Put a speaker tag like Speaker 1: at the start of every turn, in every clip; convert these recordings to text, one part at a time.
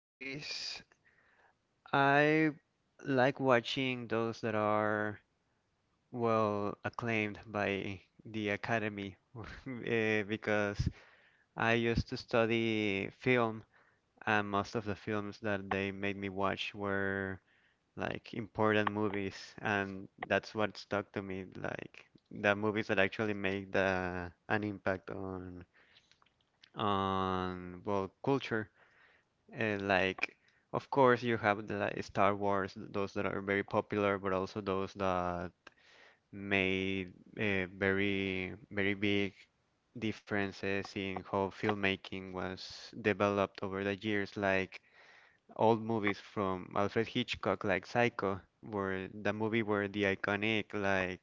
Speaker 1: Movies. I like watching those that are well acclaimed by the Academy because I used to study film, and most of the films that they made me watch were like important movies, and that's what stuck to me, like the movies that actually make the an impact on well culture. And like, of course, you have the like, Star Wars, those that are very popular, but also those that made very, very big differences in how filmmaking was developed over the years. Like old movies from Alfred Hitchcock, like Psycho, were the movie where the iconic like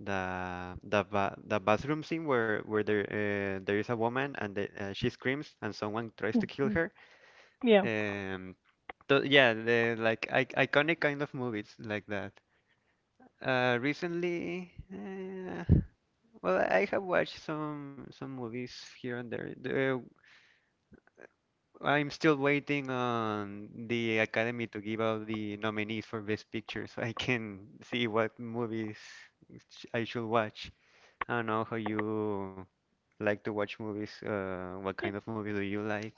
Speaker 1: the bathroom scene where there there is a woman and she screams and someone tries to kill her.
Speaker 2: Yeah.
Speaker 1: Um, yeah, the like I iconic kind of movies like that. Recently, well, I have watched some movies here and there. I'm still waiting on the Academy to give out the nominees for Best Picture, so I can see what movies I should watch. I don't know how you like to watch movies. What kind of movies do you like?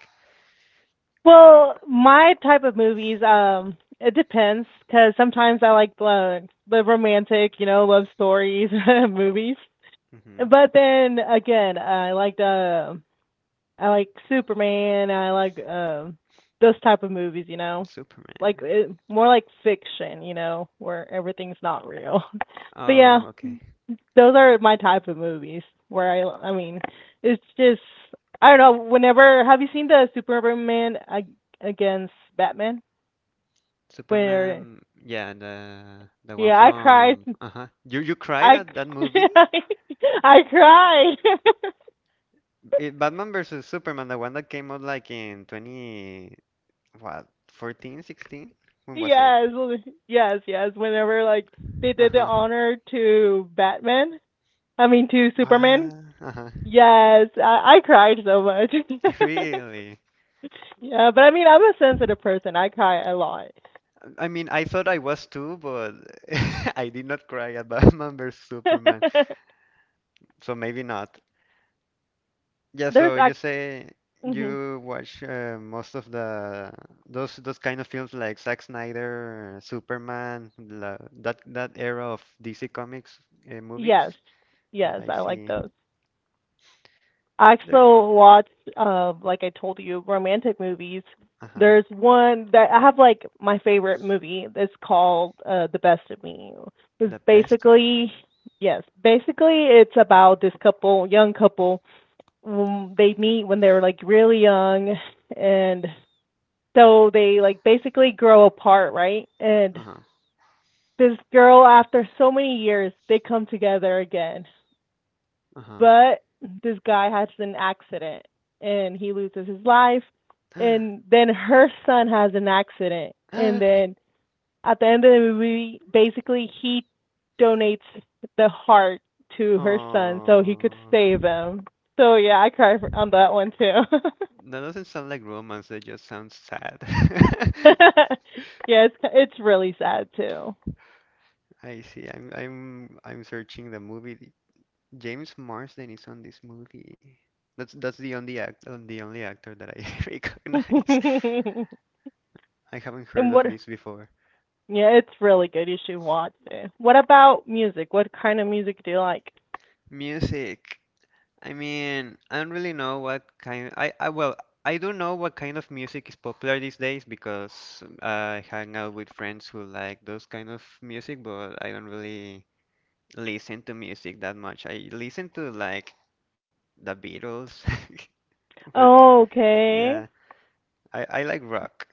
Speaker 2: Well, my type of movies, it depends because sometimes I like the romantic, love stories movies.
Speaker 1: Hmm.
Speaker 2: But then again, I like Superman. I like those type of movies,
Speaker 1: Superman.
Speaker 2: more like fiction, where everything's not real. But yeah,
Speaker 1: Oh, okay.
Speaker 2: those are my type of movies where I mean it's just I don't know. Whenever, have you seen the Superman against Batman where
Speaker 1: Superman, yeah, the one
Speaker 2: yeah I cried
Speaker 1: from uh-huh. You
Speaker 2: I
Speaker 1: cried at that movie?
Speaker 2: I cried
Speaker 1: It, Batman versus Superman, the one that came out like in 20 what, 14, 16? When was it?
Speaker 2: yes, yes, yes, whenever like they did the
Speaker 1: Uh-huh.
Speaker 2: honor to Batman, I mean, to Superman.
Speaker 1: Wow. Uh-huh.
Speaker 2: Yes, I cried so much
Speaker 1: Really?
Speaker 2: yeah, but I mean I'm a sensitive person. I cry a lot.
Speaker 1: I mean, I thought I was too, but I did not cry at Batman versus Superman. So maybe not. Yeah,
Speaker 2: There's
Speaker 1: so you
Speaker 2: act.
Speaker 1: say
Speaker 2: Hmm.
Speaker 1: you watch most of the those kind of films like Zack Snyder, Superman, that era of DC Comics movies.
Speaker 2: Yes,
Speaker 1: Yeah,
Speaker 2: yes,
Speaker 1: I
Speaker 2: I like
Speaker 1: see.
Speaker 2: those. I
Speaker 1: There,
Speaker 2: also watch, like I told you, romantic movies.
Speaker 1: uh-huh.
Speaker 2: There's one that I have like my favorite movie. It's called The Best of Me. It's
Speaker 1: The best of me.
Speaker 2: basically, yes, basically it's about this couple, young couple. They meet when they're like really young, and so they like basically grow apart, right? And
Speaker 1: Uh-huh.
Speaker 2: this girl, after so many years, they come together again. But this guy has an accident and he loses his life.
Speaker 1: Uh-huh.
Speaker 2: And then her son has an accident. And then at the end of the movie, basically, he donates the heart to her son so he could
Speaker 1: Oh,
Speaker 2: save him. So yeah, I cry for, on that one too.
Speaker 1: that doesn't sound like romance. That just sounds sad.
Speaker 2: Yeah, it's really sad too.
Speaker 1: I see. I'm searching the movie. James Marsden is on this movie. That's the only act on the only actor that I recognize.
Speaker 2: And
Speaker 1: I haven't heard of
Speaker 2: what?
Speaker 1: this before.
Speaker 2: Yeah, it's really good. You should watch it. What about music? What kind of music do you like?
Speaker 1: Music. I mean, I don't really know what kind I, well, I do know what kind of music is popular these days because I hang out with friends who like those kind of music, but I don't really listen to music that much. I listen to like the Beatles, but yeah,
Speaker 2: Okay.
Speaker 1: I like rock.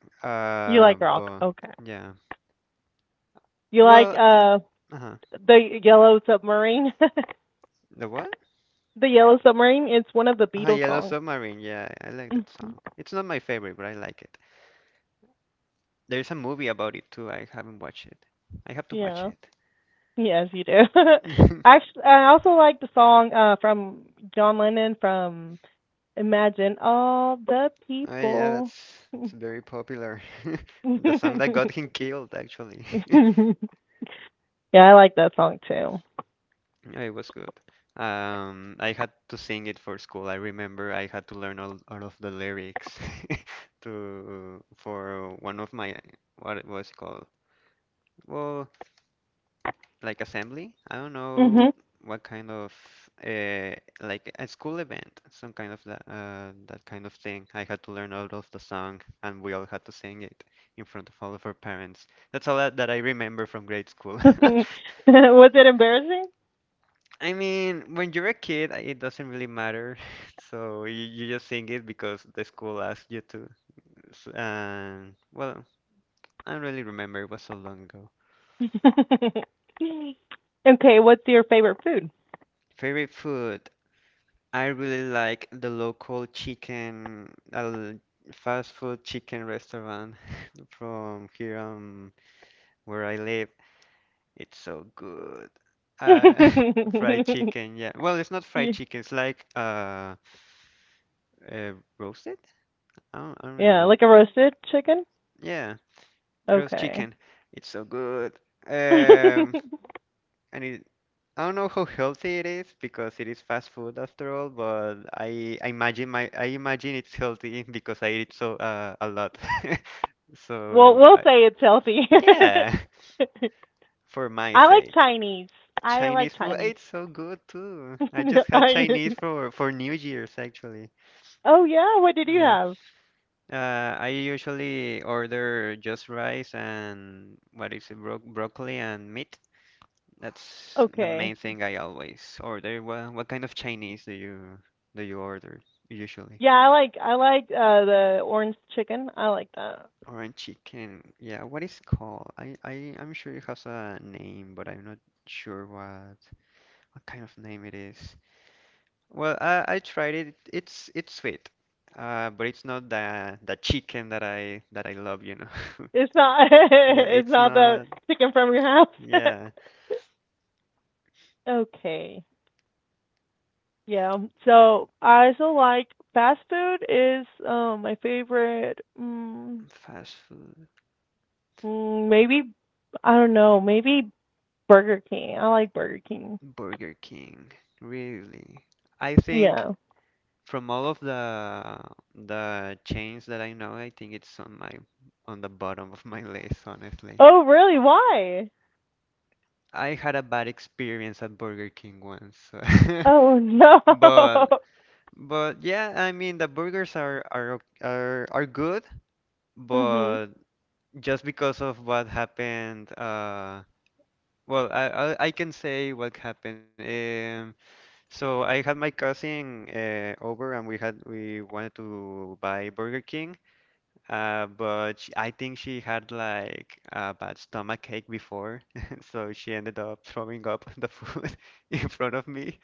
Speaker 2: You
Speaker 1: Uh,
Speaker 2: like rock.
Speaker 1: but
Speaker 2: Okay.
Speaker 1: yeah.
Speaker 2: You like
Speaker 1: Well, uh-huh.
Speaker 2: the Yellow Submarine?
Speaker 1: The what?
Speaker 2: The Yellow Submarine. It's one of the
Speaker 1: Ah,
Speaker 2: Beatles
Speaker 1: Yellow
Speaker 2: songs.
Speaker 1: Submarine. Yeah, I like that song. It's not my favorite, but I like it. There's a movie about it too. I haven't watched it. I have to watch
Speaker 2: Yeah. Yes, you do.
Speaker 1: it.
Speaker 2: Actually, I also like the song from John Lennon, from Imagine All the
Speaker 1: Oh yeah,
Speaker 2: People.
Speaker 1: that's
Speaker 2: Yeah,
Speaker 1: it's very popular. The song that got him killed, actually.
Speaker 2: I like that song too.
Speaker 1: Yeah, it was good. I had to sing it for school. I remember I had to learn all of the lyrics to for one of my what it was called. Well, like assembly. I don't know
Speaker 2: Mhm.
Speaker 1: what kind of uh, like a school event, some kind of that kind of thing. I had to learn all of the song, and we all had to sing it in front of all of our parents. That's all that I remember from grade school.
Speaker 2: Was it embarrassing?
Speaker 1: I mean, when you're a kid, it doesn't really matter, so you just sing it because the school asked you to. And well, I don't really remember. It was so long ago.
Speaker 2: Okay, what's your favorite food?
Speaker 1: Favorite food? I really like the local chicken, fast food chicken restaurant from here where I live. It's so good. Uh, fried chicken, yeah. Well, it's not fried
Speaker 2: Ye-
Speaker 1: chicken. It's like roasted? I don't really
Speaker 2: yeah,
Speaker 1: know.
Speaker 2: like a roasted chicken?
Speaker 1: Yeah, roast
Speaker 2: Okay.
Speaker 1: chicken. It's so good. Um,
Speaker 2: Well,
Speaker 1: and it I don't know how healthy it is because it is fast food after all, but I imagine my I imagine it's healthy because I eat so a lot. So
Speaker 2: we'll
Speaker 1: I,
Speaker 2: say it's healthy.
Speaker 1: yeah, for my
Speaker 2: I like
Speaker 1: sake.
Speaker 2: Chinese. I like
Speaker 1: Chinese food,
Speaker 2: Chinese.
Speaker 1: it's so good too. I just had
Speaker 2: I,
Speaker 1: Chinese for New Year's actually.
Speaker 2: oh yeah, what did you
Speaker 1: Yeah.
Speaker 2: have?
Speaker 1: I usually order just rice and what is it, broccoli and meat. That's the
Speaker 2: Okay.
Speaker 1: main thing I always order. Well, what kind of Chinese do you order usually?
Speaker 2: Yeah, I like the orange chicken. I like that.
Speaker 1: Orange chicken. Yeah, what is called? I, I'm sure it has a name, but I'm not sure what kind of name it is. Well, I tried it. It's sweet. But it's not the chicken that I love, you know.
Speaker 2: It's not
Speaker 1: Yeah,
Speaker 2: it's
Speaker 1: it's
Speaker 2: not the
Speaker 1: not.
Speaker 2: chicken from your house.
Speaker 1: Yeah,
Speaker 2: Okay. Yeah. So I also like fast food is my favorite.
Speaker 1: fast food,
Speaker 2: Maybe I don't know. Maybe Burger King. I like Burger King.
Speaker 1: Burger King. Really. I think
Speaker 2: Yeah.
Speaker 1: from all of the chains that I know, I think it's on my on the bottom of my list, honestly.
Speaker 2: Oh really? Why?
Speaker 1: I had a bad experience at Burger King once, so
Speaker 2: Oh no.
Speaker 1: but but yeah, I mean the burgers are are good,
Speaker 2: Mhm.
Speaker 1: but just because of what happened, well, I can say what happened. So I had my cousin over, and we wanted to buy Burger King. But sh I think she had like a bad stomach ache before, so she ended up throwing up the food in front of me.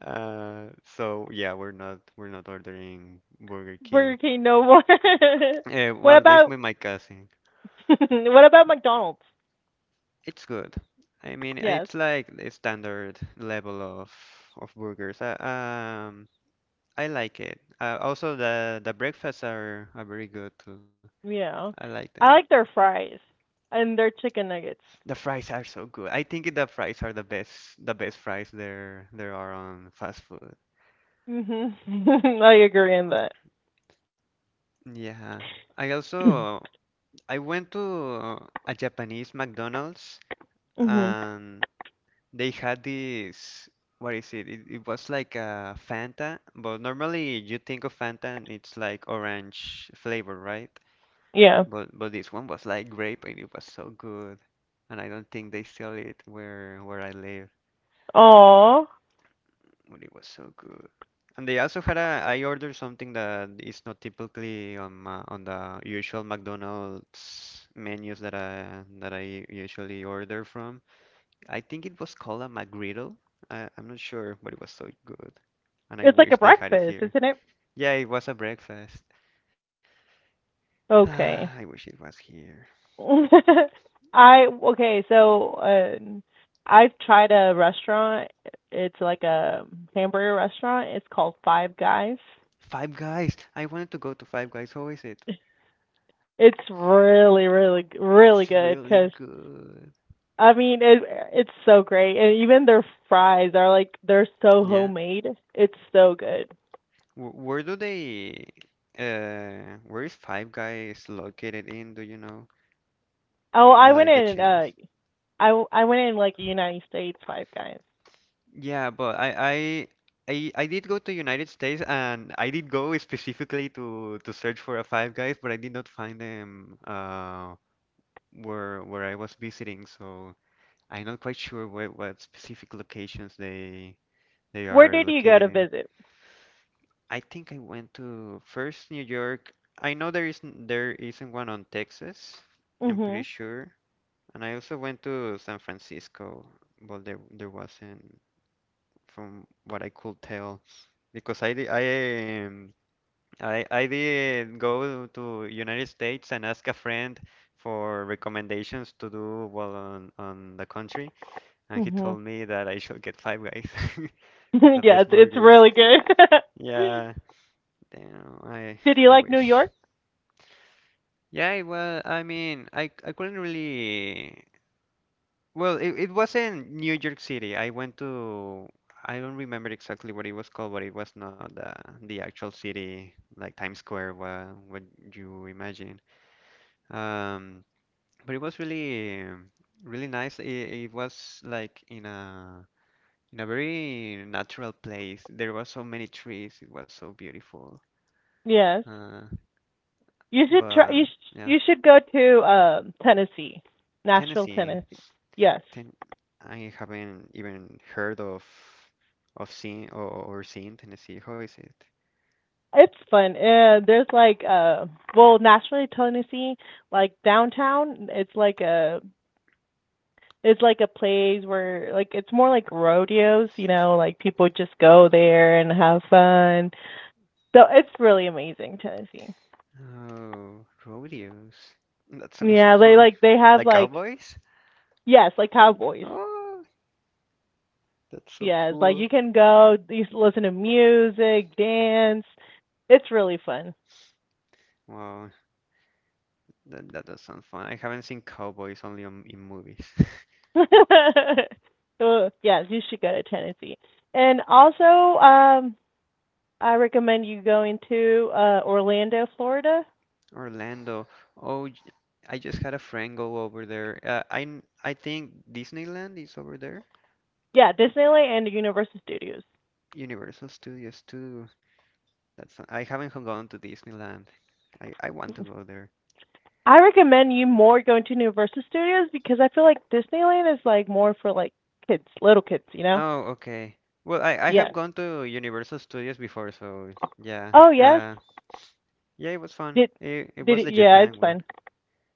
Speaker 1: Uh, so yeah, we're not ordering Burger King.
Speaker 2: Burger King no more. What
Speaker 1: Well, at least
Speaker 2: about
Speaker 1: with my cousin,
Speaker 2: what about McDonald's?
Speaker 1: it's good. I mean,
Speaker 2: Yes.
Speaker 1: it's like the standard level of burgers. I like it. Also, the breakfasts are very good too. I
Speaker 2: Yeah.
Speaker 1: like them.
Speaker 2: I like their fries and their chicken nuggets.
Speaker 1: The fries are so good. I think the fries are the best, fries there are on fast food.
Speaker 2: Mhm. I agree on that.
Speaker 1: Yeah. I also I went to a Japanese McDonald's
Speaker 2: Mhm.
Speaker 1: and they had this what is it? It was like a Fanta, but normally you think of Fanta and it's like orange flavor, right?
Speaker 2: Yeah.
Speaker 1: But this one was like grape and it was so good. And I don't think they sell it where I live.
Speaker 2: Aw.
Speaker 1: But it was so good. And they also had I ordered something that is not typically on on the usual McDonald's menus that I usually order from. I think it was called a McGriddle. I'm not sure, but it was so good. And I
Speaker 2: It's like
Speaker 1: wish
Speaker 2: a
Speaker 1: they had it
Speaker 2: breakfast,
Speaker 1: here.
Speaker 2: isn't it?
Speaker 1: Yeah, it was a breakfast. I
Speaker 2: Okay.
Speaker 1: wish it was here.
Speaker 2: I okay, so I've tried a restaurant. It's like a hamburger restaurant. It's called Five Guys.
Speaker 1: Five Guys. I wanted to go to Five Guys. How is it?
Speaker 2: It's really, really,
Speaker 1: It's
Speaker 2: really good
Speaker 1: really
Speaker 2: because
Speaker 1: good.
Speaker 2: I mean it. It's so great, and even their fries are like they're so
Speaker 1: Yeah,
Speaker 2: homemade. It's so good.
Speaker 1: Wh- Where do they, where is Five Guys located in? Do you know?
Speaker 2: Oh, I went
Speaker 1: Like the
Speaker 2: in.
Speaker 1: chains?
Speaker 2: I went in like United States Five Guys.
Speaker 1: Yeah, but I did go to United States and I did go specifically to search for a Five Guys, but I did not find them where I was visiting, so I'm not quite sure what specific locations they
Speaker 2: Where
Speaker 1: are
Speaker 2: did you go to
Speaker 1: located.
Speaker 2: visit?
Speaker 1: I think I went to first New York. I know there isn't one on Texas. I'm pretty
Speaker 2: Mhm.
Speaker 1: sure. And I also went to San Francisco, but there wasn't from what I could tell because I di- I did go to United States and ask a friend for recommendations to do well on the country, and he
Speaker 2: Mhm.
Speaker 1: told me that I should get Five Guys, the
Speaker 2: Yes,
Speaker 1: best
Speaker 2: it's
Speaker 1: burgers.
Speaker 2: really good.
Speaker 1: Yeah, damn,
Speaker 2: Did you
Speaker 1: I
Speaker 2: like New
Speaker 1: wish.
Speaker 2: York?
Speaker 1: Yeah, well, I mean, I couldn't really. Well, it was in New York City I went to. I don't remember exactly what it was called, but it was not the actual city, like Times Square, what you imagine. Um, but it was really nice. It was like in a very natural place. There were so many trees. It was so beautiful.
Speaker 2: Yes.
Speaker 1: Uh,
Speaker 2: You should try.
Speaker 1: but yeah,
Speaker 2: You should go to Tennessee, Nashville,
Speaker 1: Tennessee.
Speaker 2: Tennessee. Yes,
Speaker 1: Ten, I haven't even heard of seeing or seeing Tennessee. How is it?
Speaker 2: it's fun. There's like well, Nashville, Tennessee, like downtown. it's like a place where like it's more like rodeos. You know, like people just go there and have fun. So it's really amazing, Tennessee.
Speaker 1: Oh, rodeos. That sounds
Speaker 2: Yeah, they
Speaker 1: fun.
Speaker 2: like they have
Speaker 1: Like
Speaker 2: like
Speaker 1: cowboys?
Speaker 2: Yes, like cowboys.
Speaker 1: Oh, that's so
Speaker 2: Yes, like
Speaker 1: cool.
Speaker 2: you can go, listen to music, dance. It's really fun.
Speaker 1: Wow, that does sound fun. I haven't seen cowboys only in movies.
Speaker 2: So yes, you should go to Tennessee. And also, um, I recommend you going to Orlando, Florida.
Speaker 1: Orlando. Oh, j- I just had a friend go over there. I think Disneyland is over there.
Speaker 2: Yeah, Disneyland and Universal Studios.
Speaker 1: Universal Studios too. That's I haven't gone to Disneyland. I want to go there.
Speaker 2: I recommend you more going to Universal Studios because I feel like Disneyland is like more for like kids, little kids, you know?
Speaker 1: Oh, okay. Well, I
Speaker 2: Yeah.
Speaker 1: have gone to Universal Studios before, so yeah.
Speaker 2: Oh yes.
Speaker 1: Yeah, it was fun.
Speaker 2: Did
Speaker 1: It was the
Speaker 2: yeah,
Speaker 1: Japan
Speaker 2: it's
Speaker 1: one.
Speaker 2: fun.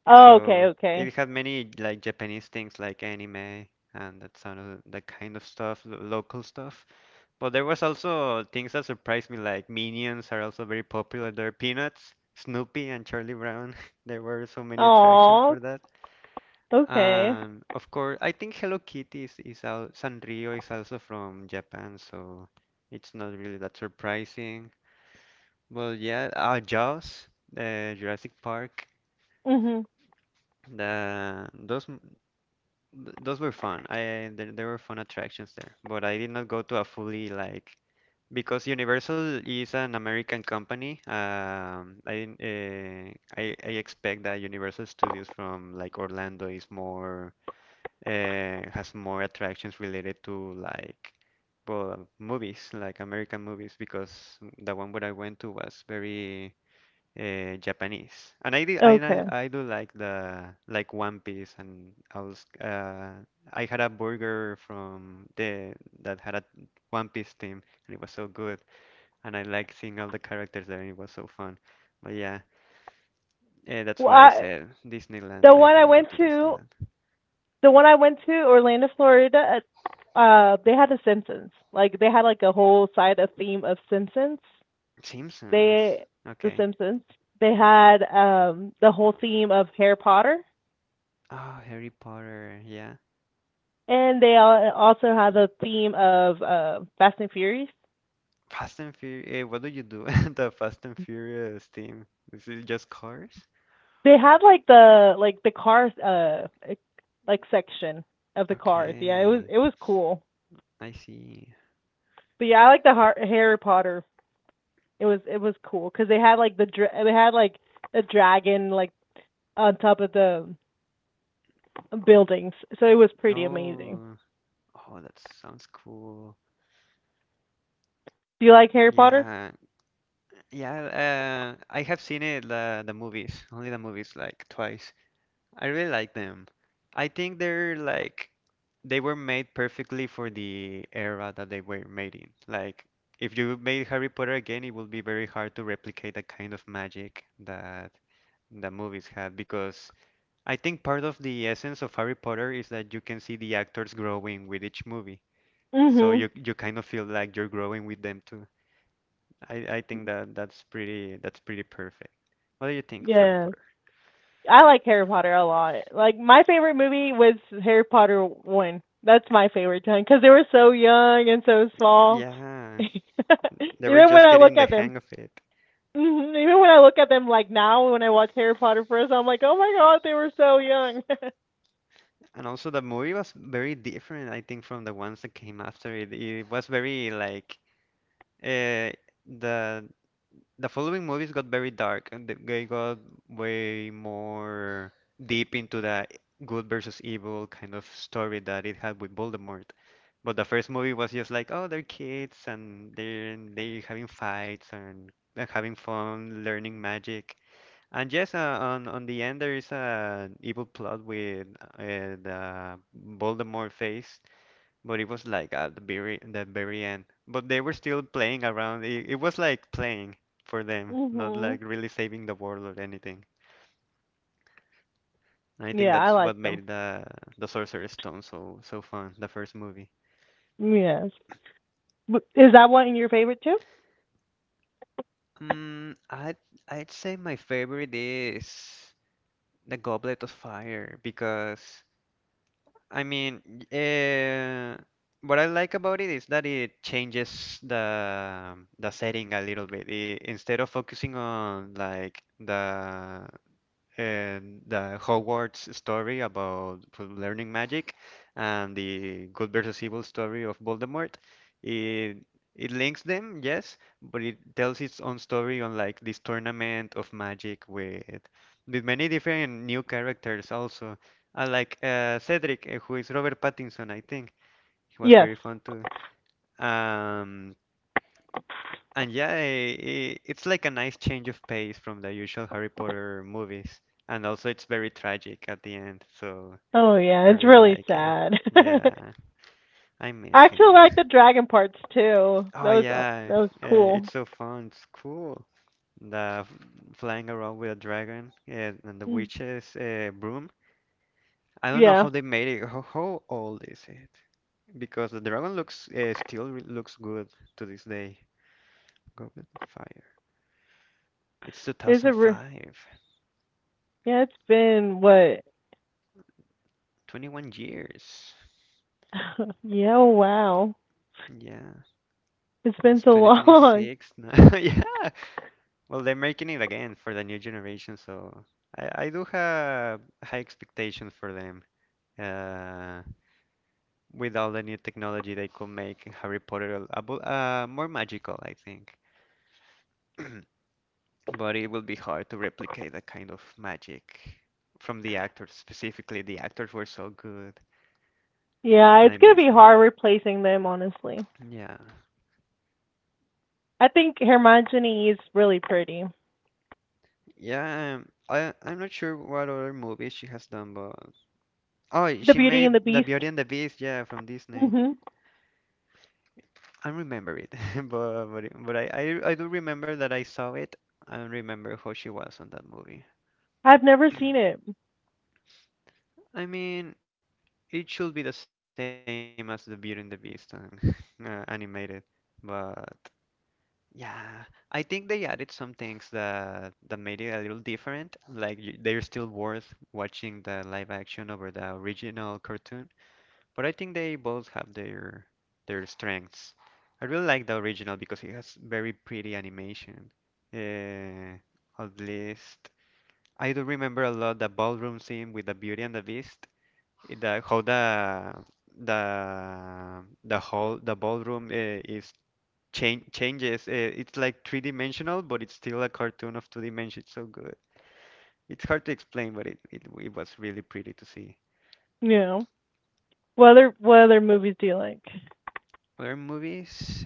Speaker 2: Oh, okay,
Speaker 1: So
Speaker 2: okay.
Speaker 1: it had many like Japanese things like anime and that kind of stuff, local stuff. But there was also things that surprised me, like Minions are also very popular there. Peanuts, Snoopy, and Charlie Brown. There were so many attractions for
Speaker 2: Oh,
Speaker 1: that.
Speaker 2: okay.
Speaker 1: And of course, I think Hello Kitty is al Sanrio is also from Japan, so it's not really that surprising. Well, yeah, Jaws, Jurassic Park,
Speaker 2: Mhm.
Speaker 1: the those m- th- those were fun. There were fun attractions there, but I did not go to a fully like because Universal is an American company. I didn't, I expect that Universal Studios from like Orlando is more has more attractions related to like well movies like American movies, because the one where I went to was very Japanese. And I did
Speaker 2: Okay.
Speaker 1: I do like the like One Piece, and I was I had a burger from the that had a One Piece theme and it was so good, and I like seeing all the characters there and it was so fun, but yeah. That's
Speaker 2: Well,
Speaker 1: why I
Speaker 2: I
Speaker 1: said Disneyland.
Speaker 2: the
Speaker 1: I
Speaker 2: one I
Speaker 1: haven't gone
Speaker 2: went
Speaker 1: to
Speaker 2: to,
Speaker 1: Disneyland.
Speaker 2: Orlando, Florida. They had the Simpsons. Like they had like a whole side of theme of Simpsons.
Speaker 1: Simpsons.
Speaker 2: They the
Speaker 1: Okay.
Speaker 2: Simpsons. They had the whole theme of Harry Potter,
Speaker 1: Oh, Harry Potter, yeah.
Speaker 2: and they also had the theme of Fast and Furious.
Speaker 1: Fast and Furious. What do you do in the Fast and Furious team? Is it just cars?
Speaker 2: They had like the cars like, section of the cars. Yeah, it was
Speaker 1: Okay,
Speaker 2: it was cool.
Speaker 1: I see.
Speaker 2: But yeah, I like the Harry Potter. It was cool because they had like a dragon like on top of the buildings, so it was pretty amazing.
Speaker 1: Oh, oh, that sounds cool.
Speaker 2: Do you like Harry
Speaker 1: Yeah,
Speaker 2: Potter?
Speaker 1: yeah. I have seen it the movies, only the movies, like twice. I really like them. I think they're like they were made perfectly for the era that they were made in. Like if you made Harry Potter again, it would be very hard to replicate the kind of magic that the movies had, because I think part of the essence of Harry Potter is that you can see the actors growing with each movie. So
Speaker 2: Mhm.
Speaker 1: you kind of feel like you're growing with them too. I think that that's pretty perfect. What do you think of Harry
Speaker 2: Yeah,
Speaker 1: Potter?
Speaker 2: I like Harry Potter a lot. Like my favorite movie was Harry Potter one. That's my favorite time because they were so young and so small.
Speaker 1: Yeah,
Speaker 2: Even
Speaker 1: they were
Speaker 2: when
Speaker 1: just
Speaker 2: I look
Speaker 1: getting the
Speaker 2: at them,
Speaker 1: hang of it.
Speaker 2: hmm Even when I look at them, like now when I watch Harry Potter first, I'm like, oh my god, they were so young.
Speaker 1: And also the movie was very different, I think, from the ones that came after it. It was very like uh, the the following movies got very dark, and they got way more deep into the good versus evil kind of story that it had with Voldemort. But the first movie was just like, oh, they're kids and they're having fights and they're having fun, learning magic. And yes, on the end there is an evil plot with the Voldemort face, but it was like at the very end. But they were still playing around. It was like playing for them, not
Speaker 2: Mhm.
Speaker 1: like really saving the world or anything. And I think
Speaker 2: Yeah, I
Speaker 1: that's what
Speaker 2: like them.
Speaker 1: made the Sorcerer's Stone so so fun, the first movie.
Speaker 2: Yes. But is that one your favorite too?
Speaker 1: Mm, I'd I'd say my favorite is The Goblet of Fire because. I mean, uh, what I like about it is that it changes the setting a little bit. Instead of focusing on like the and the Hogwarts story about learning magic and the good versus evil story of Voldemort. It it links them, yes, but it tells its own story on like this tournament of magic with many different new characters also. I like Cedric, who is Robert Pattinson, I think. He was
Speaker 2: Yes.
Speaker 1: very fun too. Um, and yeah, I it's like a nice change of pace from the usual Harry Potter movies. And also, it's very tragic at the end, so
Speaker 2: Oh yeah,
Speaker 1: I
Speaker 2: it's
Speaker 1: really
Speaker 2: really
Speaker 1: like it.
Speaker 2: sad.
Speaker 1: Yeah, I miss
Speaker 2: I actually
Speaker 1: him.
Speaker 2: like the dragon parts too.
Speaker 1: Oh,
Speaker 2: That was uh,
Speaker 1: yeah,
Speaker 2: that was cool.
Speaker 1: it's so fun. It's cool. The f- Flying around with a dragon, and the
Speaker 2: Mm.
Speaker 1: witch's broom. I don't know
Speaker 2: Yeah.
Speaker 1: how they made it. How old is it? Because the dragon looks looks good to this day. Goblet of Fire. It's
Speaker 2: Is a re-
Speaker 1: 2005.
Speaker 2: yeah. It's been what?
Speaker 1: 21 years.
Speaker 2: Yeah. Oh, wow.
Speaker 1: Yeah,
Speaker 2: It's been
Speaker 1: it's
Speaker 2: so long.
Speaker 1: 2026 now. Yeah. Well, they're making it again for the new generation, so I do have high expectations for them. Uh, with all the new technology, they could make Harry Potter more magical, I think. But it will be hard to replicate that kind of magic from the actors. Specifically, the actors were so good,
Speaker 2: Yeah,
Speaker 1: and I
Speaker 2: it's gonna
Speaker 1: miss
Speaker 2: be
Speaker 1: them.
Speaker 2: hard replacing them, honestly.
Speaker 1: Yeah.
Speaker 2: I think Hermione is really pretty.
Speaker 1: Yeah, I'm not sure what other movies she has done, but Oh,
Speaker 2: The
Speaker 1: she
Speaker 2: Beauty and
Speaker 1: made
Speaker 2: the
Speaker 1: The Beauty
Speaker 2: Beast.
Speaker 1: and the Beast, yeah, from Disney.
Speaker 2: Mhm.
Speaker 1: I remember it, but I do remember that I saw it and remember how she was on that movie.
Speaker 2: I've never seen it.
Speaker 1: I mean, it should be the same as The Beauty and the Beast, and animated, but yeah, I think they added some things that that made it a little different. Like they're still worth watching the live action over the original cartoon. But I think they both have their strengths. I really like the original because it has very pretty animation. Uh, at least I do remember a lot the ballroom scene with the Beauty and the Beast. The how the whole the ballroom is changes. It's like three dimensional, but it's still a cartoon of two dimensions. It's so good. It's hard to explain, but it it was really pretty to see.
Speaker 2: No. What other movies do you like?
Speaker 1: Other movies,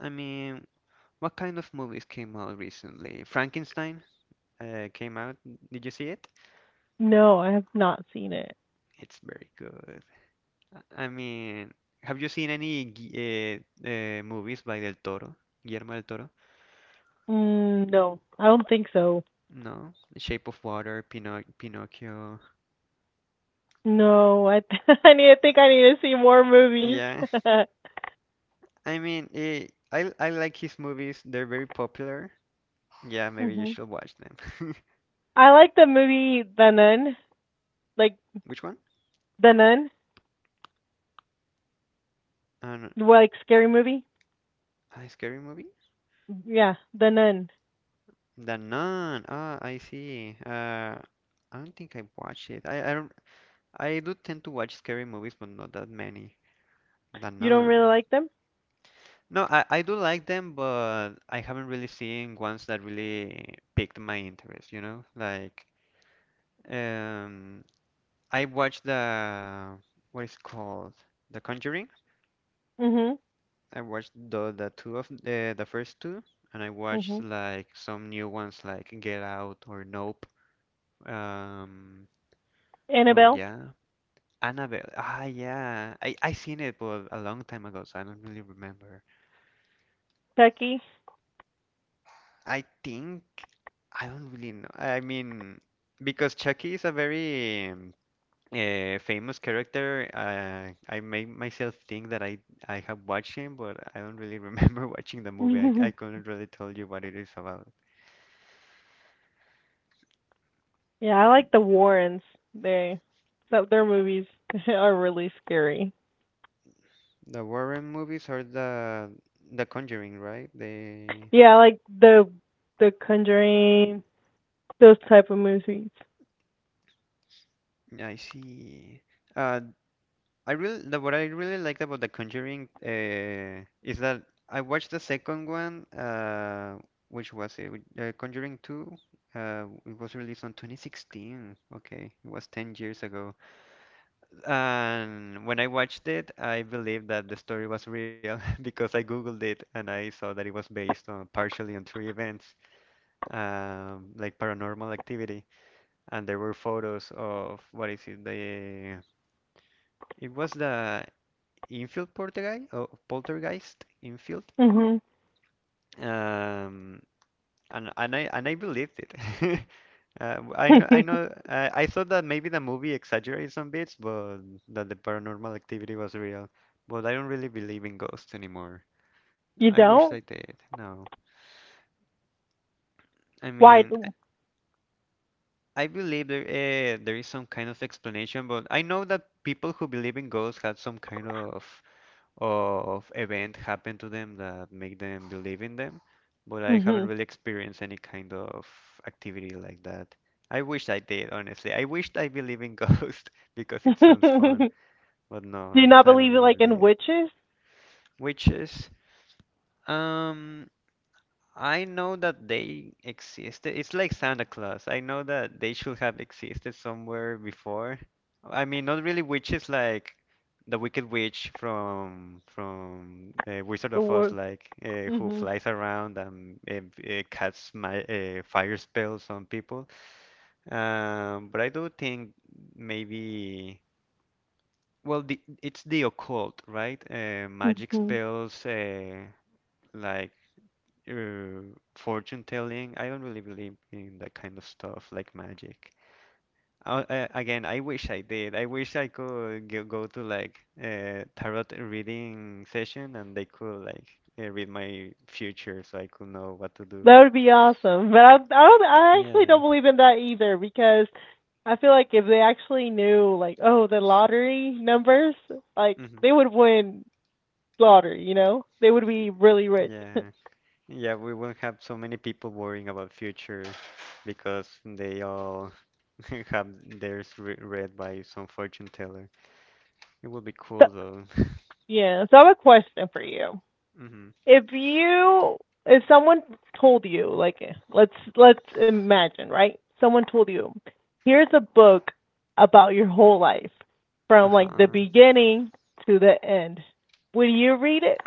Speaker 1: I mean. What kind of movies came out recently? Frankenstein came out. Did you see it?
Speaker 2: No, I have not seen it.
Speaker 1: It's very good. I mean, have you seen any movies by Del Toro? Guillermo del Toro?
Speaker 2: Mm, no, I don't think so.
Speaker 1: No. Shape of Water, Pinocchio.
Speaker 2: No, I think I need to see more movies.
Speaker 1: Yeah. I mean, I like his movies. They're very popular. Yeah, maybe you
Speaker 2: hmm
Speaker 1: should watch them.
Speaker 2: I like the movie The Nun, like
Speaker 1: Which one?
Speaker 2: The Nun,
Speaker 1: An
Speaker 2: what, like scary movie.
Speaker 1: a scary movie?
Speaker 2: Yeah, The Nun.
Speaker 1: The Nun. Ah, I see. I don't think I watched it. I don't I do tend to watch scary movies, but not that many, that
Speaker 2: You don't really
Speaker 1: none.
Speaker 2: like them?
Speaker 1: No, I do like them, but I haven't really seen ones that really piqued my interest, you know? Like, um, I watched what is it called? The Conjuring.
Speaker 2: Mhm.
Speaker 1: I watched the two of the first two, and I watched
Speaker 2: Mhm.
Speaker 1: like some new ones like Get Out or Nope. Um, well,
Speaker 2: Annabelle,
Speaker 1: yeah. Annabelle. Ah, yeah. I seen it, but a long time ago, so I don't really remember.
Speaker 2: Chucky.
Speaker 1: I think I don't really know. I mean, because Chucky is a very famous character, I make myself think that I have watched him, but I don't really remember watching the movie. I couldn't really tell you what it is about.
Speaker 2: Yeah, I like the Warrens. They that their movies are really scary.
Speaker 1: The Warren movies are the Conjuring, right? The
Speaker 2: Yeah, I like the Conjuring, those type of movies.
Speaker 1: I see. Uh, I really the, what I really liked about The Conjuring is that I watched the second one, which was it? Which- Conjuring 2. It was released on 2016. Okay, it was 10 years ago. And when I watched it, I believed that the story was real because I googled it and I saw that it was based on partially on three events, like paranormal activity, and there were photos of what is it? The it was the Infield Poltergeist, oh, Poltergeist Infield,
Speaker 2: Mhm.
Speaker 1: um, and I believed it. I know, I thought that maybe the movie exaggerated some bits, but that the paranormal activity was real. But I don't really believe in ghosts anymore.
Speaker 2: You
Speaker 1: I wish
Speaker 2: don't?
Speaker 1: I did. No, I
Speaker 2: Why?
Speaker 1: mean, I believe there is some kind of explanation, but I know that people who believe in ghosts had some kind of event happen to them that make them believe in them, but I haven't
Speaker 2: Mhm.
Speaker 1: really experienced any kind of activity like that. I wish I did, honestly. I wished I believe in ghosts because it sounds fun, but
Speaker 2: Do you
Speaker 1: no,
Speaker 2: not
Speaker 1: I don't
Speaker 2: believe it,
Speaker 1: really
Speaker 2: like in
Speaker 1: believe.
Speaker 2: witches?
Speaker 1: Witches, um, I know that they existed. It's like Santa Claus. I know that they should have existed somewhere before. I mean, not really witches like the Wicked Witch from Wizard
Speaker 2: The
Speaker 1: of Oz,
Speaker 2: war.
Speaker 1: like who
Speaker 2: Mhm.
Speaker 1: flies around and casts my fire spells on people. But I do think maybe well, the, it's the occult, right? Magic
Speaker 2: Mhm.
Speaker 1: spells, like uh, fortune telling. I don't really believe in that kind of stuff like magic. Again, I wish I did. I wish I could go to like a tarot reading session and they could like read my future so I could know what to do.
Speaker 2: That would be awesome. But I actually
Speaker 1: Yeah.
Speaker 2: don't believe in that either because I feel like if they actually knew like oh the lottery numbers, like
Speaker 1: Hmm.
Speaker 2: they would win slaughter, you know? They would be really rich. So,
Speaker 1: Yeah. Yeah, we won't have so many people worrying about future because they all have theirs re read by some fortune teller. It would be cool though.
Speaker 2: yeah, so I have a question for you.
Speaker 1: Hmm.
Speaker 2: If you if someone told you, like let's let's imagine, right? Someone told you, here's a book about your whole life from like the
Speaker 1: Uh-huh.
Speaker 2: beginning to the end. Would you read it?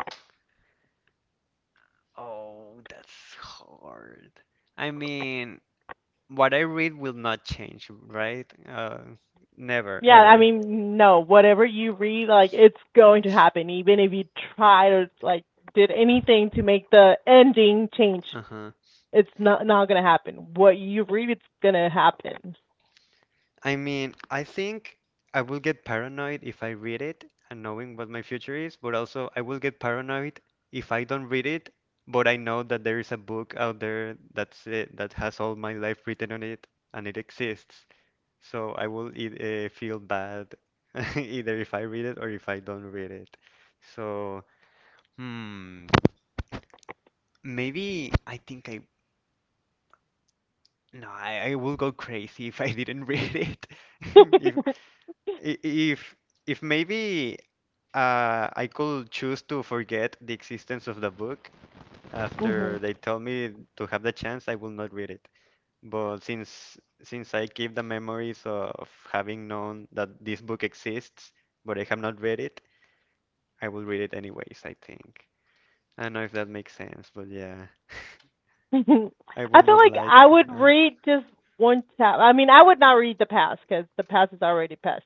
Speaker 1: Oh, that's hard. I mean, what I read will not change, right? Never,
Speaker 2: Yeah, I
Speaker 1: ever.
Speaker 2: mean, no, whatever you read, like it's going to happen even if you try to like did anything to make the ending change.
Speaker 1: Uh-huh.
Speaker 2: It's not gonna happen. What you read, it's gonna happen.
Speaker 1: I mean, I think I will get paranoid if I read it and knowing what my future is, but also I will get paranoid if I don't read it, but I know that there is a book out there that has all my life written on it and it exists. So I will e feel bad either if I read it or if I don't read it. So. Hmm. Maybe I think I no, I will go crazy if I didn't read it. If i- if if maybe I could choose to forget the existence of the book
Speaker 2: Mhm.
Speaker 1: after they tell me to have the chance, I will not read it. But since I keep the memories of having known that this book exists, but I have not read it, I will read it anyways, I think. I don't know if that makes sense, but yeah,
Speaker 2: I feel
Speaker 1: I will not
Speaker 2: like
Speaker 1: like.
Speaker 2: I would read just one chapter. I mean, I would not read the past because the past is already past.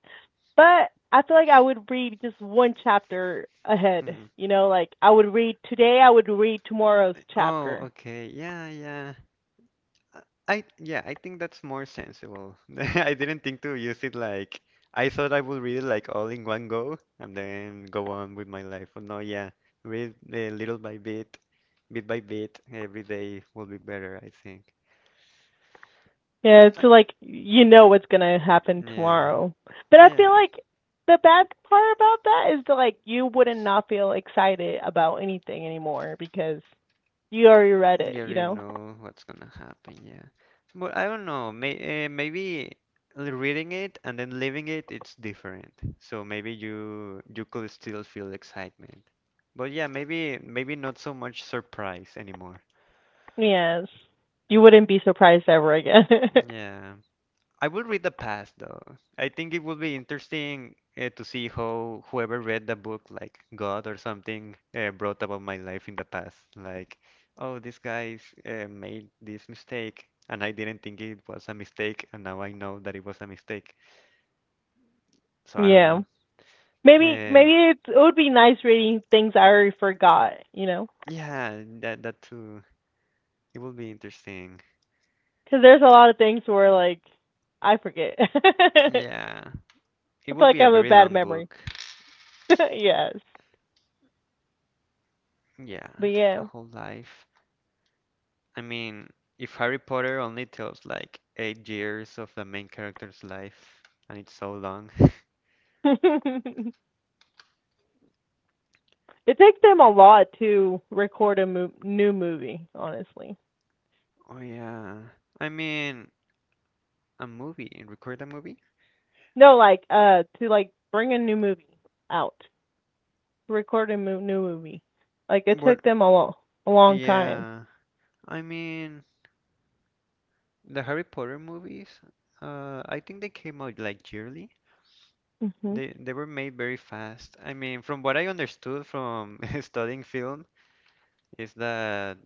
Speaker 2: But I feel like I would read just one chapter ahead.
Speaker 1: Uh,
Speaker 2: You know, like I would read today. I would read tomorrow's
Speaker 1: Oh,
Speaker 2: chapter.
Speaker 1: okay. Yeah, yeah. Uh, I yeah, I think that's more sensible. I didn't think to use it like I thought I would read it like all in one go and then go on with my life. But no, yeah, read bit by bit, every day will be better, I think.
Speaker 2: Yeah,
Speaker 1: I,
Speaker 2: it's like you know what's gonna happen
Speaker 1: yeah,
Speaker 2: tomorrow. But I
Speaker 1: yeah.
Speaker 2: feel like the bad part about that is that like you wouldn't not feel excited about anything anymore because you already read
Speaker 1: You
Speaker 2: it, you
Speaker 1: already
Speaker 2: know?
Speaker 1: know what's gonna happen, yeah. But I don't know, maybe reading it and then leaving it, it's different. So maybe you could still feel excitement. But yeah, maybe not so much surprise anymore.
Speaker 2: Yes. You wouldn't be surprised ever again.
Speaker 1: Yeah. I will read the past though. I think it would be interesting to see how whoever read the book, like God or something, brought about my life in the past. Like, oh, this guy made this mistake, and I didn't think it was a mistake, and now I know that it was a mistake. So I don't
Speaker 2: Yeah.
Speaker 1: know.
Speaker 2: Maybe
Speaker 1: Um
Speaker 2: maybe it would be nice reading things I already forgot, you know?
Speaker 1: yeah, that too. It will be interesting.
Speaker 2: Because there's a lot of things where like I forget.
Speaker 1: Yeah, it
Speaker 2: I
Speaker 1: will
Speaker 2: feel
Speaker 1: be
Speaker 2: like I
Speaker 1: a
Speaker 2: have a
Speaker 1: very
Speaker 2: bad
Speaker 1: long
Speaker 2: memory.
Speaker 1: book.
Speaker 2: Yes.
Speaker 1: Yeah,
Speaker 2: But
Speaker 1: a
Speaker 2: yeah.
Speaker 1: whole life. I mean, if Harry Potter only tells like 8 years of the main character's life, and it's so long.
Speaker 2: It takes them a lot to record a new movie, honestly.
Speaker 1: Oh yeah. I mean, a movie, record a movie?
Speaker 2: No, like to like bring a new movie out, record a new movie. Like it
Speaker 1: Well,
Speaker 2: took them a long time.
Speaker 1: yeah. I mean, the Harry Potter movies, I think they came out like yearly.
Speaker 2: Mhm.
Speaker 1: They were made very fast. I mean, from what I understood from studying film, is that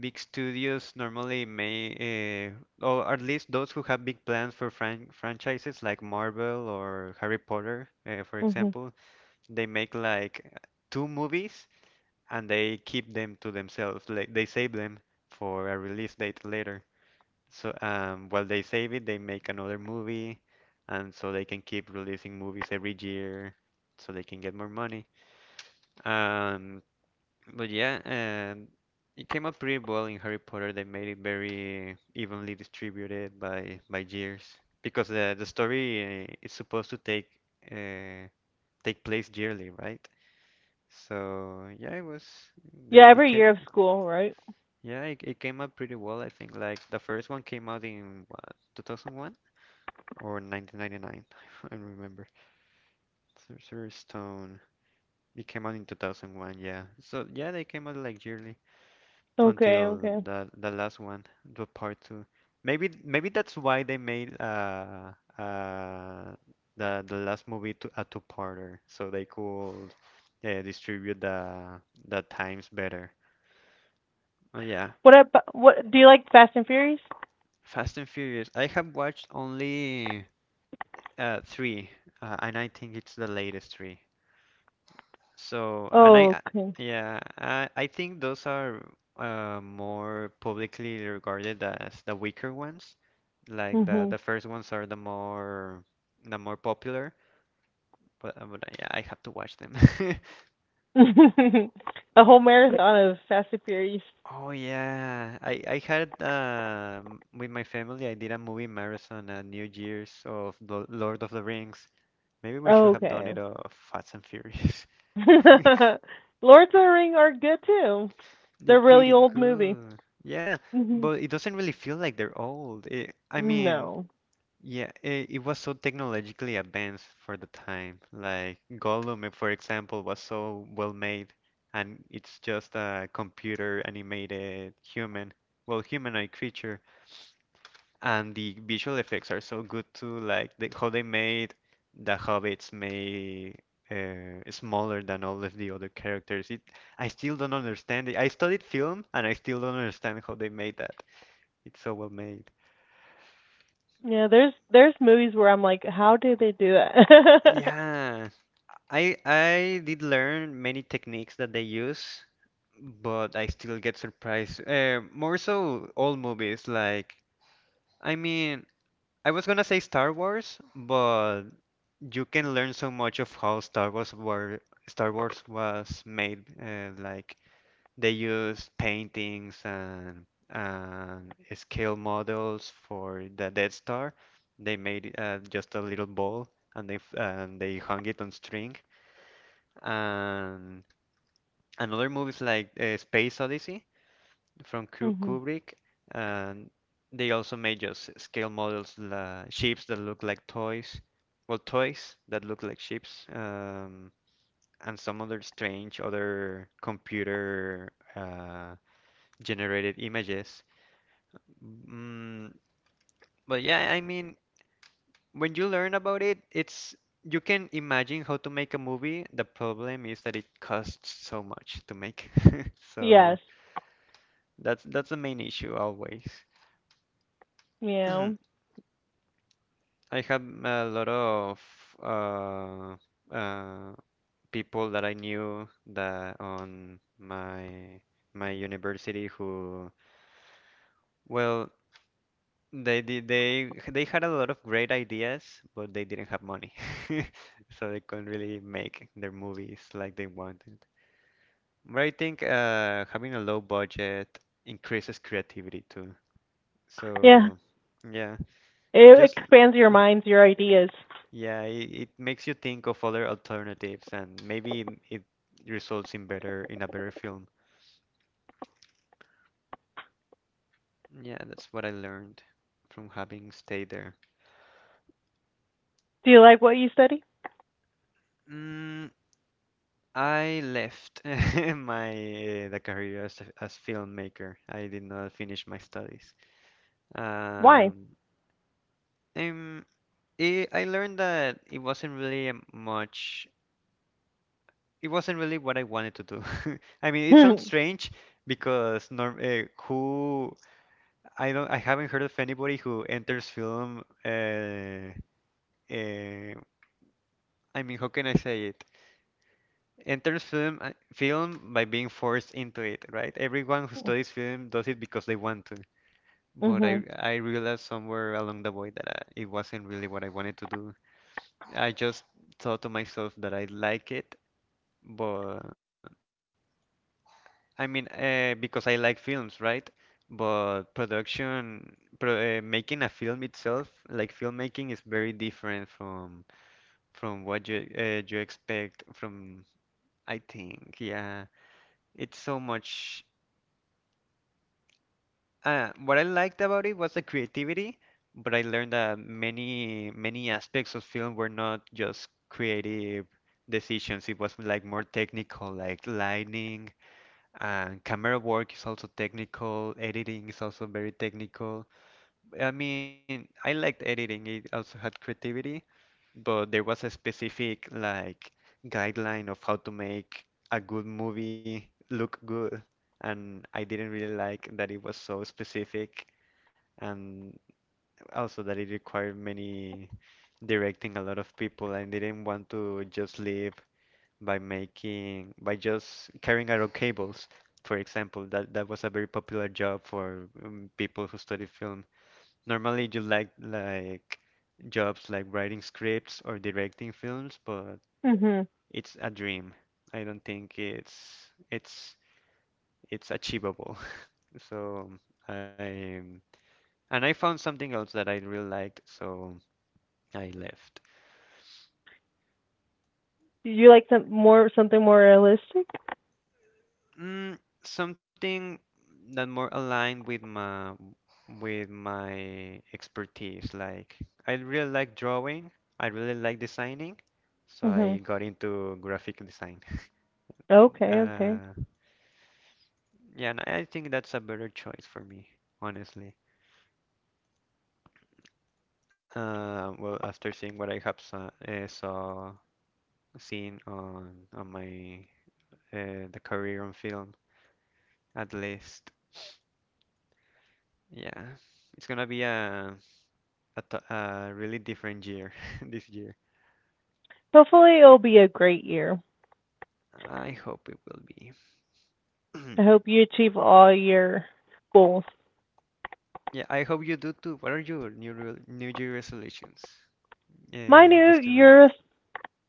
Speaker 1: big studios normally or at least those who have big plans for franchises like Marvel or Harry Potter, for
Speaker 2: Mhm.
Speaker 1: example, they make like two movies and they keep them to themselves. Like they save them for a release date later. So while they save it, they make another movie, and so they can keep releasing movies every year, so they can get more money. Um, but yeah, and it came out pretty well in Harry Potter. They made it very evenly distributed by years because the story is supposed to take uh, take place yearly, right? So yeah, it was they
Speaker 2: Yeah,
Speaker 1: it
Speaker 2: every
Speaker 1: came
Speaker 2: year of school, right?
Speaker 1: yeah it came out pretty well. I think like the first one came out in what 2001 or 1999. I don't remember. Sorcerer's Stone. It came out in 2001. Yeah. So yeah, they came out like yearly,
Speaker 2: Okay,
Speaker 1: until
Speaker 2: okay.
Speaker 1: the last one, the part two. Maybe that's why they made uh the last movie to a two-parter, so they could distribute the times better. Oh yeah,
Speaker 2: What do you like Fast and Furious?
Speaker 1: Fast and Furious. I have watched only three, and I think it's the latest three. So,
Speaker 2: Oh, okay.
Speaker 1: yeah, I think those are more publicly regarded as the weaker ones. Like the
Speaker 2: Mhm.
Speaker 1: the first ones are the more popular, but yeah, I have to watch them.
Speaker 2: A whole marathon of Fast and Furious.
Speaker 1: Oh yeah, I had with my family I did a movie marathon at New Year's of the Lord of the Rings. Maybe we
Speaker 2: Oh,
Speaker 1: should have done
Speaker 2: okay.
Speaker 1: it of Fast and Furious.
Speaker 2: Lords of the Ring are good too.
Speaker 1: They're
Speaker 2: They're really
Speaker 1: pretty
Speaker 2: old movie.
Speaker 1: good. Yeah,
Speaker 2: Mhm.
Speaker 1: but it doesn't really feel like they're old. I mean,
Speaker 2: No.
Speaker 1: yeah, it was so technologically advanced for the time. Like Gollum, eh, for example, was so well made, and it's just a computer animated human, well, humanoid creature and the visual effects are so good too, like the, how they made the hobbits made smaller than all of the other characters. I still don't understand it. I studied film and I still don't understand how they made that. It's so well made.
Speaker 2: Yeah, there's movies where I'm like, how did they do that?
Speaker 1: Yeah, I did learn many techniques that they use, but I still get surprised. More so old movies like I mean, I was gonna say Star Wars, but you can learn so much of how Star Wars was made. Like they used paintings and scale models for the Death Star. They made just a little ball and they hung it on string. And another movies like Space Odyssey from
Speaker 2: Mhm.
Speaker 1: Kubrick. And they also made just scale models, la ships that look like toys. Well, toys that look like ships. And some other strange other computer generated images. Mm, but yeah, I mean, when you learn about it, it's you can imagine how to make a movie. The problem is that it costs so much to make. So
Speaker 2: Yes.
Speaker 1: that's the main issue always.
Speaker 2: Yeah.
Speaker 1: I have a lot of uh, uh, people that I knew that on my university who well. They did they had a lot of great ideas, but they didn't have money. So they couldn't really make their movies like they wanted. But I think having a low budget increases creativity too.
Speaker 2: Yeah.
Speaker 1: So yeah,
Speaker 2: It
Speaker 1: just
Speaker 2: expands your
Speaker 1: uh,
Speaker 2: minds, your ideas.
Speaker 1: yeah, it makes you think of other alternatives and maybe it results in a better film. Yeah, that's what I learned from having stayed there.
Speaker 2: Do you like what you study?
Speaker 1: Mm, I left my the career as as filmmaker. I did not finish my studies.
Speaker 2: Why?
Speaker 1: Um, and I learned that it wasn't really a much. It wasn't really what I wanted to do. I mean, it sounds
Speaker 2: Mhm.
Speaker 1: strange because norm who I haven't heard of anybody who enters film. Uh, I mean, how can I say it? Enters film by being forced into it, right? Everyone who studies film does it because they want to. But I
Speaker 2: Mhm.
Speaker 1: I realized somewhere along the way that it wasn't really what I wanted to do. I just thought to myself that I like it, but I mean, because I like films, right? But making a film itself, like filmmaking, is very different from what you you expect from, I think, yeah. It's so much what I liked about it was the creativity, but I learned that many aspects of film were not just creative decisions. It was like more technical, like lighting and camera work is also technical. Editing is also very technical. I mean, I liked editing. It also had creativity, but there was a specific like guideline of how to make a good movie look good, and I didn't really like that it was so specific and also that it required many directing a lot of people and didn't want to just live by just carrying out cables for example that was a very popular job for people who study film. Normally you like jobs like writing scripts or directing films, but
Speaker 2: Mhm.
Speaker 1: it's a dream. I don't think it's achievable. So I and I found something else that I really liked, so I left.
Speaker 2: You like something more realistic?
Speaker 1: Something that more aligned with my expertise. Like I really like drawing. I really like designing, so I
Speaker 2: Mhm.
Speaker 1: got into graphic design.
Speaker 2: Okay,
Speaker 1: Uh,
Speaker 2: okay.
Speaker 1: yeah, and I think that's a better choice for me, honestly. Well, after seeing what I have saw, saw seen on my the career on film, at least, yeah, it's gonna be a really different year this year.
Speaker 2: Hopefully it'll be a great year.
Speaker 1: I hope it will be.
Speaker 2: I hope you achieve all your goals.
Speaker 1: Yeah, I hope you do too. What are your New Year resolutions?
Speaker 2: My
Speaker 1: Yeah,
Speaker 2: new
Speaker 1: just around that.
Speaker 2: year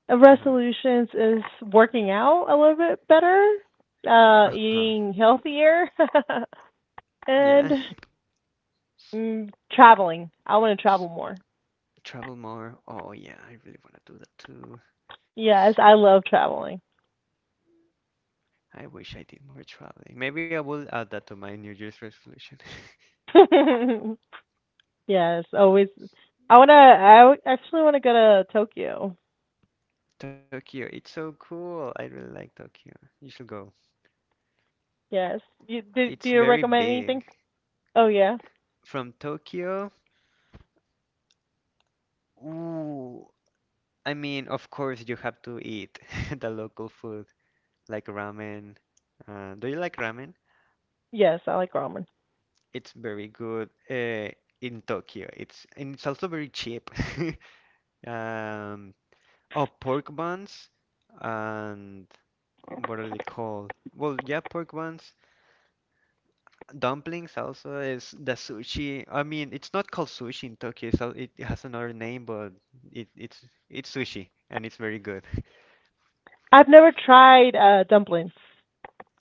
Speaker 2: of
Speaker 1: Uh-huh.
Speaker 2: resolutions is working out a little bit better,
Speaker 1: Uh-huh.
Speaker 2: eating healthier,
Speaker 1: Yeah.
Speaker 2: and traveling. I want to travel more.
Speaker 1: Travel more. Oh yeah, I really want to do that too.
Speaker 2: Yes, I love traveling.
Speaker 1: I wish I did more traveling. Maybe I will add that to my New Year's resolution.
Speaker 2: Yes, always. I wanna. I w- actually want to go to Tokyo.
Speaker 1: Tokyo, it's so cool. I really like Tokyo. You should go.
Speaker 2: Yes. You, do
Speaker 1: It's
Speaker 2: Do you
Speaker 1: very
Speaker 2: recommend
Speaker 1: big.
Speaker 2: anything? Oh yeah.
Speaker 1: From Tokyo, ooh, I mean, of course, you have to eat the local food, like ramen. Do you like ramen?
Speaker 2: Yes, I like ramen.
Speaker 1: It's very good in Tokyo. It's and it's also very cheap. Um, oh, pork buns and what are they called? Well, yeah, pork buns. Dumplings also is the sushi. I mean, it's not called sushi in Tokyo, so it has another name, but it, it's it's sushi and it's very good.
Speaker 2: I've never tried dumplings.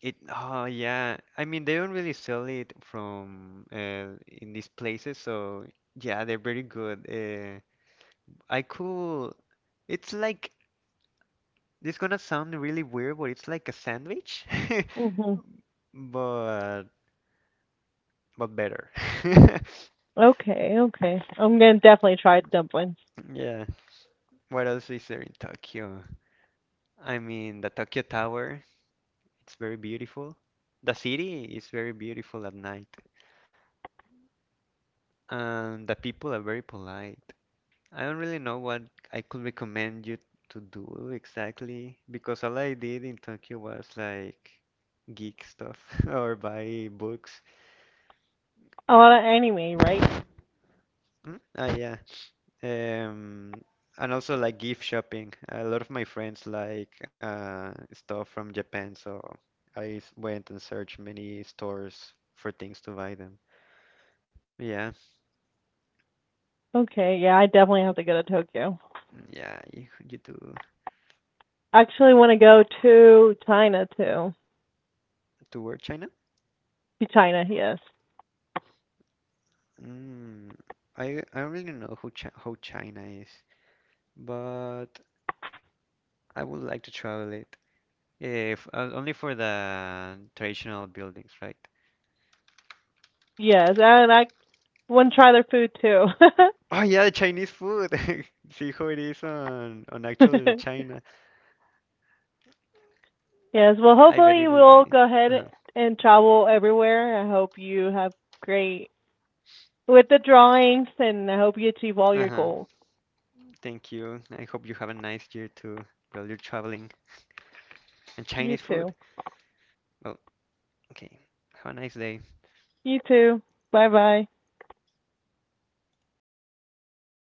Speaker 1: Oh yeah. I mean, they don't really sell it from in these places, so yeah, they're very good. I could. It's like it's gonna sound really weird, but it's like a sandwich,
Speaker 2: Mhm.
Speaker 1: but better.
Speaker 2: Okay, okay. I'm gonna definitely try dumplings.
Speaker 1: Yeah. What else is there in Tokyo? I mean, the Tokyo Tower. It's very beautiful. The city is very beautiful at night, and the people are very polite. I don't really know what I could recommend you to do exactly because all I did in Tokyo was like geek stuff or buy books.
Speaker 2: A lot of anime, right?
Speaker 1: Mm? Ah, yeah. Um, and also like gift shopping. A lot of my friends like stuff from Japan, so went and searched many stores for things to buy them. Yeah,
Speaker 2: Okay, yeah, I definitely have to go to Tokyo.
Speaker 1: yeah. You do
Speaker 2: Actually, want to go to China too.
Speaker 1: toward China?
Speaker 2: To China, yes,
Speaker 1: Mm, I don't really know who Chi how China is, but I would like to travel it. If only for the traditional buildings, right?
Speaker 2: yes, and I want to try their food too.
Speaker 1: Oh yeah, Chinese food. See how it is on actual China.
Speaker 2: Yes, well,
Speaker 1: I bet
Speaker 2: hopefully
Speaker 1: it will
Speaker 2: we'll
Speaker 1: be.
Speaker 2: go ahead
Speaker 1: Uh-huh.
Speaker 2: and travel everywhere. I hope you have great with the drawings, and I hope you achieve all your
Speaker 1: Uh-huh.
Speaker 2: goals.
Speaker 1: Thank you. I hope you have a nice year too while you're traveling. And
Speaker 2: You
Speaker 1: Chinese
Speaker 2: too.
Speaker 1: food. Well, okay. Have a nice day.
Speaker 2: You too. Bye bye.